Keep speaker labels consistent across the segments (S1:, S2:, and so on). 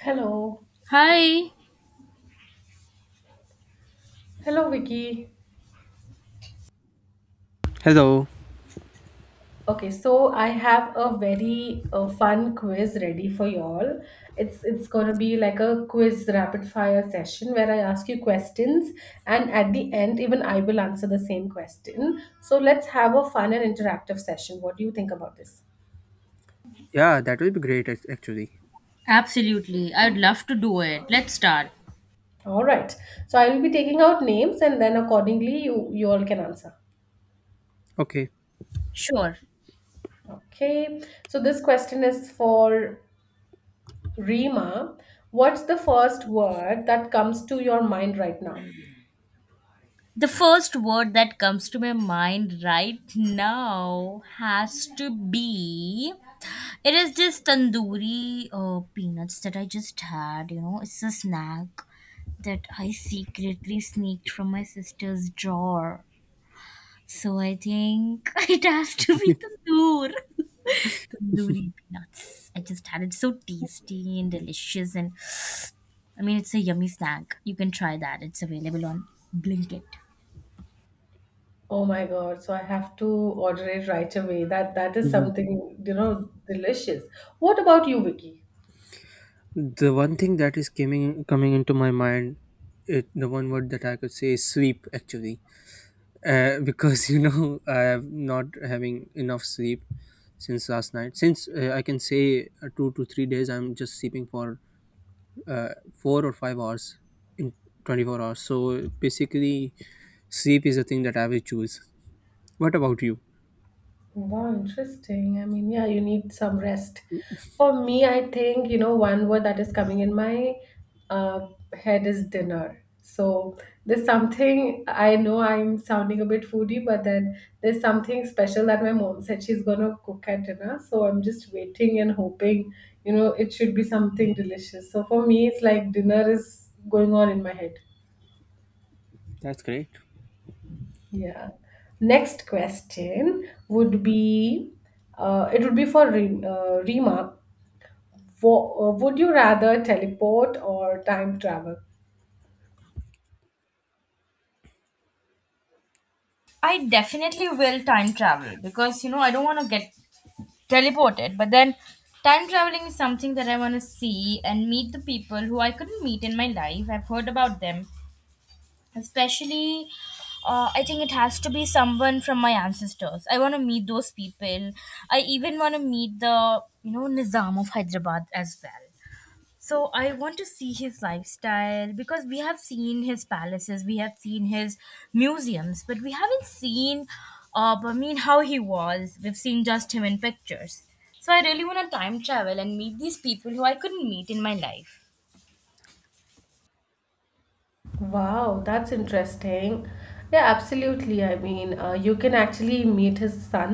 S1: Hello.
S2: Hi.
S1: Hello, Vicky.
S3: Hello.
S1: Okay, so I have a very fun quiz ready for y'all. It's gonna be like a quiz rapid fire session where I ask you questions, and at the end, even I will answer the same question. So let's have a fun and interactive session. What do you think about this?
S3: Yeah, that will be great actually.
S2: Absolutely. I'd love to do it. Let's start.
S1: All right. So I will be taking out names, and then accordingly, you all can answer.
S3: Okay.
S2: Sure.
S1: Okay. So this question is for Rima, what's the first word that comes to your mind right now?
S2: The first word that comes to my mind right now has to be. It is this tandoori peanuts that I just had. You know, it's a snack that I secretly sneaked from my sister's drawer. So I think it has to be tandoor. Tandoori peanuts. I just had it so tasty and delicious, and I mean, it's a yummy snack. You can try that. It's available on Blinkit.
S1: Oh my God, so I have to order it right away. That is
S3: Mhm.
S1: something, you know, delicious. What about you, Vicky?
S3: The one thing that is coming into my mind, the one word that I could say is sleep actually. Because I have not having enough sleep since last night. Since I can say 2 to 3 days, I'm just sleeping for uh, 4 or 5 hours in 24 hours. So basically, sleep is the thing that I will choose. What about you?
S1: Wow, interesting. I mean, yeah, you need some rest. For me, I think, you know, one word that is coming in my uh, head is dinner. So there's something, I know I'm sounding a bit foodie, but then there's something special that my mom said she's gonna cook at dinner. So I'm just waiting and hoping, you know, it should be something delicious. So for me, it's like dinner is going on in my head.
S3: That's great.
S1: Yeah. Next question would be it would be for Rima. Would you rather teleport or time travel?
S2: I definitely will time travel because you know I don't want to get teleported, but then time traveling is something that I want to see and meet the people who I couldn't meet in my life. I've heard about them, especially. I think it has to be someone from my ancestors. I want to meet those people. I even want to meet the you know Nizam of Hyderabad as well. So I want to see his lifestyle because we have seen his palaces, we have seen his museums, but we haven't seen, I mean, how he was. We've seen just him in pictures. So I really want to time travel and meet these people who I couldn't meet in my life.
S1: Wow, that's interesting. Yeah, absolutely. I mean, you can actually meet his son,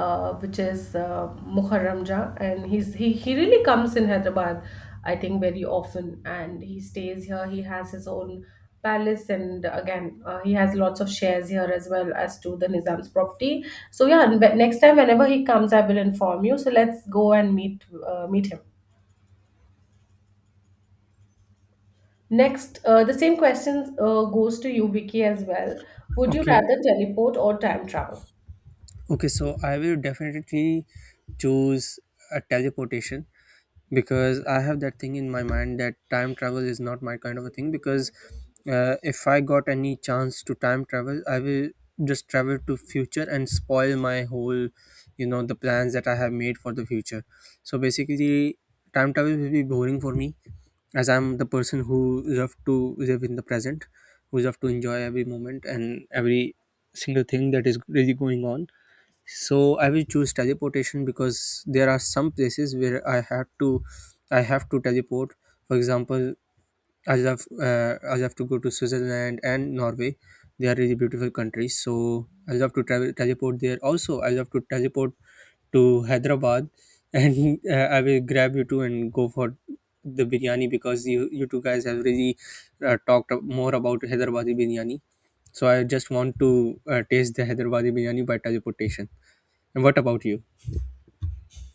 S1: which is Muharram Jah, and he really comes in Hyderabad, I think, very often, and he stays here. He has his own palace, and again, he has lots of shares here as well as to the Nizam's property. So yeah, and but next time whenever he comes, I will inform you. So let's go and meet meet him. Next, the same question goes to you, Vicky, as well. Would you
S3: Okay.
S1: rather teleport or time travel?
S3: Okay, so I will definitely choose a teleportation because I have that thing in my mind that time travel is not my kind of a thing. Because if I got any chance to time travel, I will just travel to future and spoil my whole, the plans that I have made for the future. So basically, time travel will be boring for me as I'm the person who love to live in the present, who love to enjoy every moment and every single thing that is really going on. So I will choose teleportation because there are some places where I have to teleport. For example, I love to go to Switzerland and Norway. They are really beautiful countries, so I love to travel teleport there. Also, I love to teleport to Hyderabad, and I will grab you two and go for the biryani because you two guys have really talked more about Hyderabadi biryani. So I just want to taste the Hyderabadi biryani by teleportation. And what about you?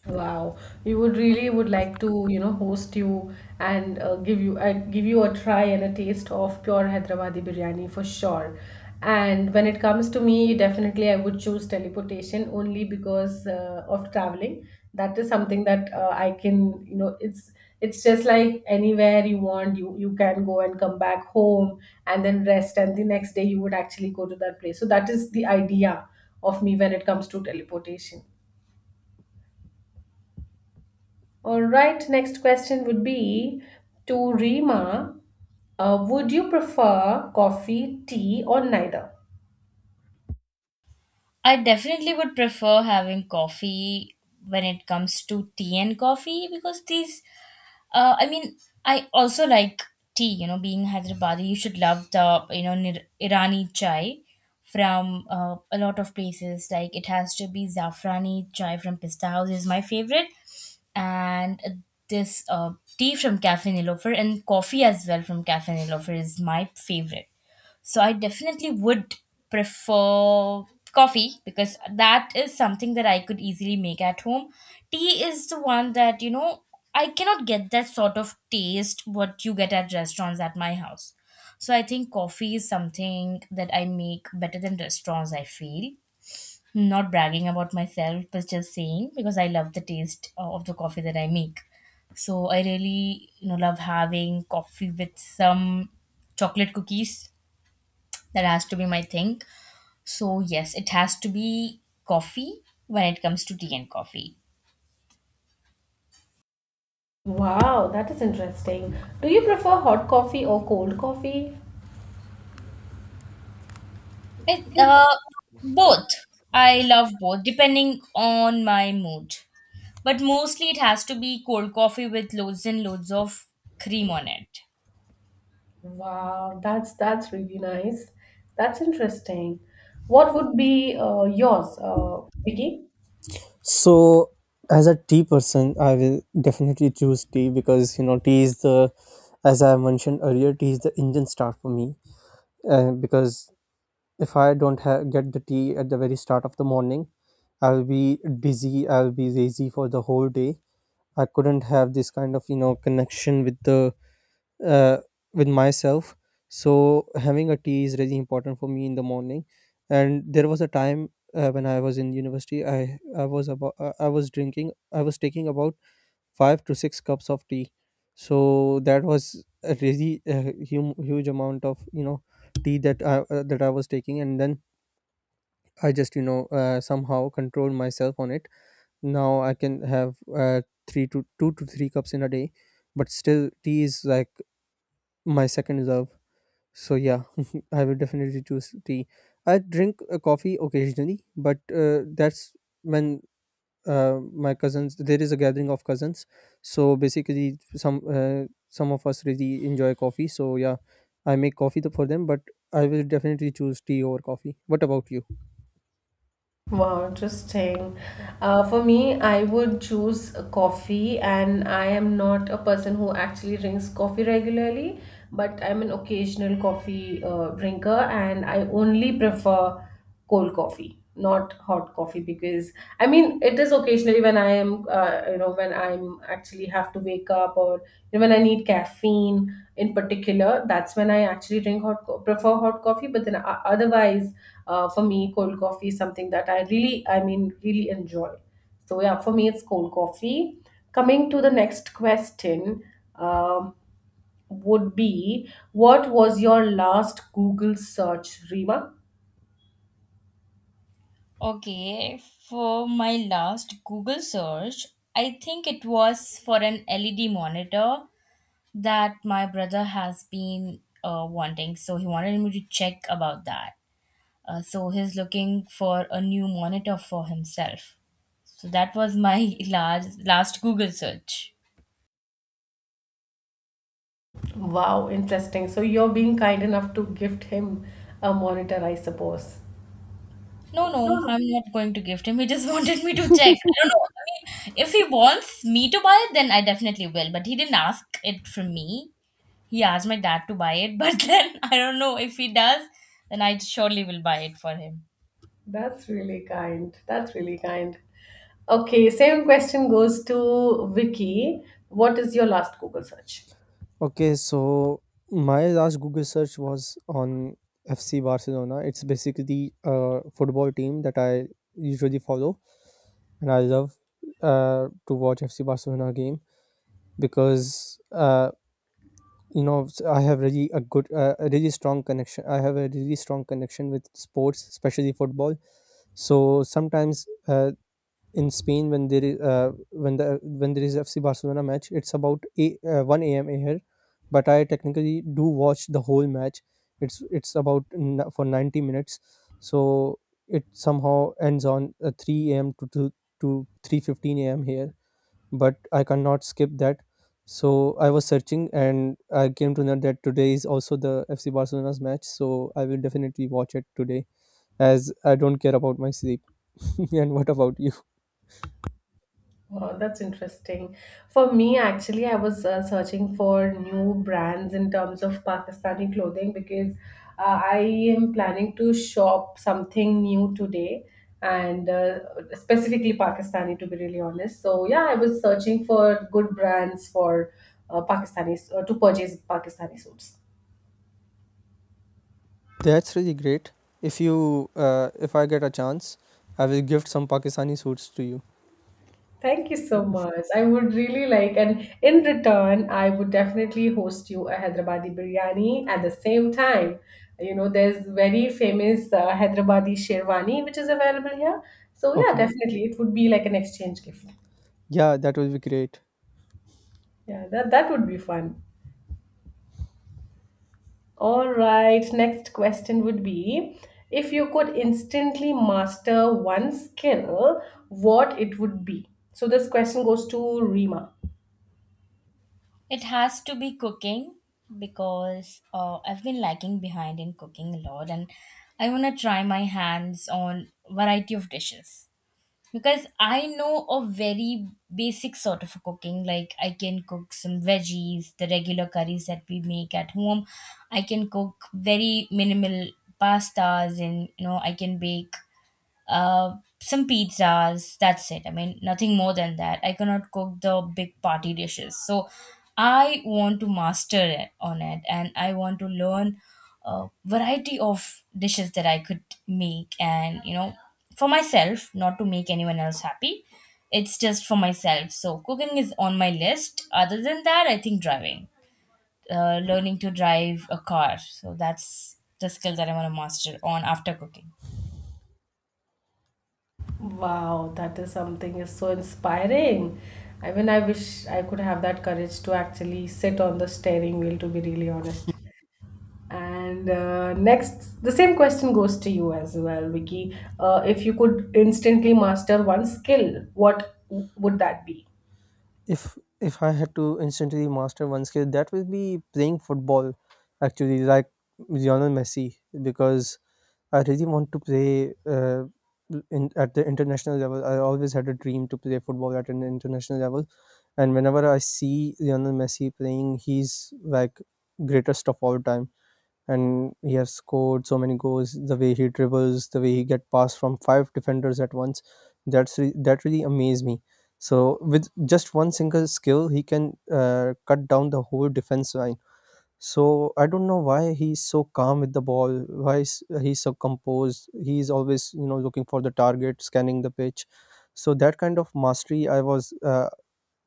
S1: Wow, we would really would like to, you know, host you and give you a try and a taste of pure Hyderabadi biryani for sure. And when it comes to me, definitely I would choose teleportation only because of traveling. That is something that I can, you know, it's just like anywhere you want, you can go and come back home and then rest, and the next day you would actually go to that place. So that is the idea of me when it comes to teleportation. All right, next question would be to Rima. Would you prefer coffee, tea, or neither?
S2: I definitely would prefer having coffee when it comes to tea and coffee because these I mean, I also like tea. You know, being Hyderabadi, you should love the you know Nir- Irani chai from a lot of places. Like it has to be zafrani chai from Pista House is my favorite, and this tea from Cafe Nilofer and coffee as well from Cafe Nilofer is my favorite. So I definitely would prefer coffee because that is something that I could easily make at home. Tea is the one that, you know, I cannot get that sort of taste what you get at restaurants at my house. So I think coffee is something that I make better than restaurants, I feel. Not bragging about myself, but just saying because I love the taste of the coffee that I make. So I really, you know, love having coffee with some chocolate cookies that has to be my thing. So yes, it has to be coffee when it comes to tea and coffee.
S1: Wow, that is interesting. Do you prefer hot coffee or cold coffee?
S2: It, both. I love both depending on my mood. But mostly it has to be cold coffee with loads and loads of cream on it.
S1: Wow, that's really nice. That's interesting. What would be yours, Vicky?
S3: So, as a tea person, I will definitely choose tea because tea is the as I mentioned earlier, tea is the engine start for me. Because if I don't get the tea at the very start of the morning, I will be dizzy. I will be lazy for the whole day. I couldn't have this kind of connection uh, with myself. So having a tea is really important for me in the morning. And there was a time when I was in university, I was taking about five to six cups of tea. So that was a really huge amount of tea that I was taking, and then I just somehow controlled myself on it. Now I can have three to two to three cups in a day, but still tea is like my second love. So yeah, I would definitely choose tea. I drink coffee occasionally, but that's when my cousins there is a gathering of cousins. So basically, some of us really enjoy coffee. So yeah, I make coffee for them, but I will definitely choose tea over coffee. What about you?
S1: Wow, interesting. For me, I would choose a coffee, and I am not a person who actually drinks coffee regularly, but I'm an occasional coffee drinker, and I only prefer cold coffee, not hot coffee, because I mean, it is occasionally when I am, you know, when I'm actually have to wake up or you know, when I need caffeine in particular. That's when I actually drink prefer hot coffee, but then otherwise, for me cold coffee is something that I really, I mean, really enjoy. So yeah, for me it's cold coffee. Coming to the next question, um, would be what was your last Google search, Rima?
S2: Okay, for my last Google search, I think it was for an LED monitor that my brother has been wanting. So he wanted me to check about that. So he's looking for a new monitor for himself. So that was my last Google search.
S1: Wow, interesting, so you're being kind enough to gift him a monitor, I suppose.
S2: No, no, I'm not going to gift him. He just wanted me to check. I don't know. I mean, if he wants me to buy it, then I definitely will. But he didn't ask it from me. He asked my dad to buy it, but then I don't know if he does, then I surely will buy it for him.
S1: That's really kind. That's really kind. Okay, same question goes to Vicky. What is your last Google search?
S3: Okay, so my last Google search was on FC Barcelona. It's basically a football team that I usually follow, and I love to watch FC Barcelona game because I have really a a really strong connection. I have a really strong connection with sports, especially football. So sometimes in Spain when there is when there is FC Barcelona match, it's about 1 a.m. here, but I technically do watch the whole match. It's about for 90 minutes, so it somehow ends on 3 a.m. To 3:15 a.m. here. But I cannot skip that. So I was searching and I came to know that today is also the FC Barcelona's match. So I will definitely watch it today as I don't care about my sleep. And what about you?
S1: Wow, that's interesting. For me, actually, I was searching for new brands in terms of Pakistani clothing because I am planning to shop something new today and specifically Pakistani, to be really honest. So, yeah, I was searching for good brands for Pakistanis to purchase Pakistani suits.
S3: That's really great. If I get a chance, I will gift some Pakistani suits to you.
S1: Thank you so much. I would really like, and in return, I would definitely host you a Hyderabadi biryani at the same time. You know, there's very famous Hyderabadi sherwani which is available here. So yeah,
S3: Okay.
S1: definitely, it would be like an exchange gift.
S3: Yeah, that will be great.
S1: Yeah, that would be fun. All right, next question would be, if you could instantly master one skill, what it would be? So this question goes to Rima.
S2: It has to be cooking because I've been lagging behind in cooking a lot, and I want to try my hands on variety of dishes because I know a very basic sort of cooking. Like, I can cook some veggies, the regular curries that we make at home. I can cook very minimal pastas, and you know I can bake uh, some pizzas. That's it. I mean, nothing more than that. I cannot cook the big party dishes. So I want to master it on it, and I want to learn a variety of dishes that I could make, and you know, for myself, not to make anyone else happy. It's just for myself. So cooking is on my list. Other than that, I think driving, learning to drive a car. So that's the skill that I want to master on after cooking.
S1: Wow, that is something is so inspiring. I mean, I wish I could have that courage to actually sit on the steering wheel, to be really honest. And next, the same question goes to you as well, Vicky. If you could instantly master one skill, what would that be?
S3: If I had to instantly master one skill, that will be playing football. Actually, like Lionel Messi, because I really want to play in at the international level. I always had a dream to play football at an international level, and whenever I see Lionel Messi playing, he's like greatest of all time. And he has scored so many goals. The way he dribbles, the way he get passed from five defenders at once, that really amazed me. So with just one single skill, he can cut down the whole defense line. So I don't know why he's so calm with the ball. Why he's so composed? He's always looking for the target, scanning the pitch. So that kind of mastery,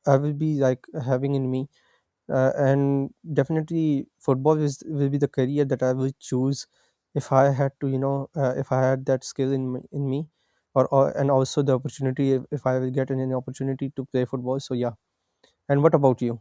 S3: I will be like having in me and definitely football is will be the career that I will choose if I had to if I had that skill in me or and also the opportunity if I will get an opportunity to play football. So yeah. And what about you?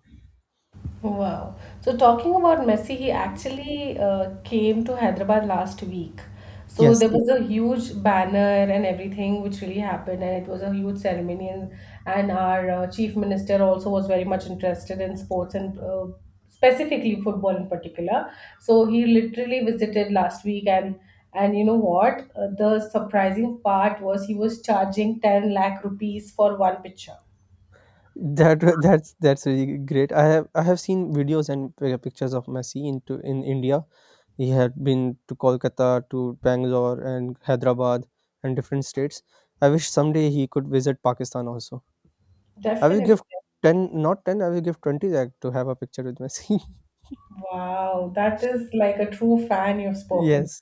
S1: Wow. So talking about Messi, he actually came to Hyderabad last week. So there
S3: Yes.
S1: was a huge banner and everything which really happened, and it was a huge ceremony. And our chief minister also was very much interested in sports and specifically football in particular. So he literally visited last week, and you know what? The surprising part was he was charging 10 lakh rupees for one picture.
S3: that That's really great. I have seen videos and pictures of Messi into in India. He had been to Kolkata to Bangalore and Hyderabad and different states. I wish someday he could visit Pakistan also. I will
S1: Definitely.
S3: give 10, not 10, I will give 20 that to have a picture with Messi.
S1: Wow, that is like a true fan you've spoken.
S3: Yes.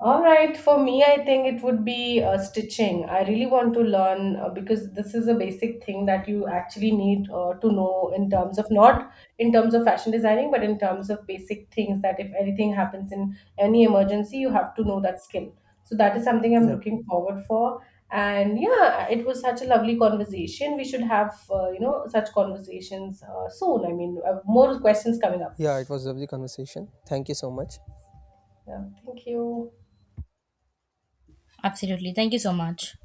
S1: All right, for me, I think it would be stitching. I really want to learn because this is a basic thing that you actually need to know in terms of not in terms of fashion designing, but in terms of basic things that if anything happens in any emergency, you have to know that skill. So that is something I'm
S3: Yeah.
S1: looking forward for. And yeah, it was such a lovely conversation. We should have you know such conversations soon. I mean, more questions coming up.
S3: Yeah, it was a lovely conversation. Thank you so much.
S1: Yeah, thank you.
S2: Absolutely. Thank you so much.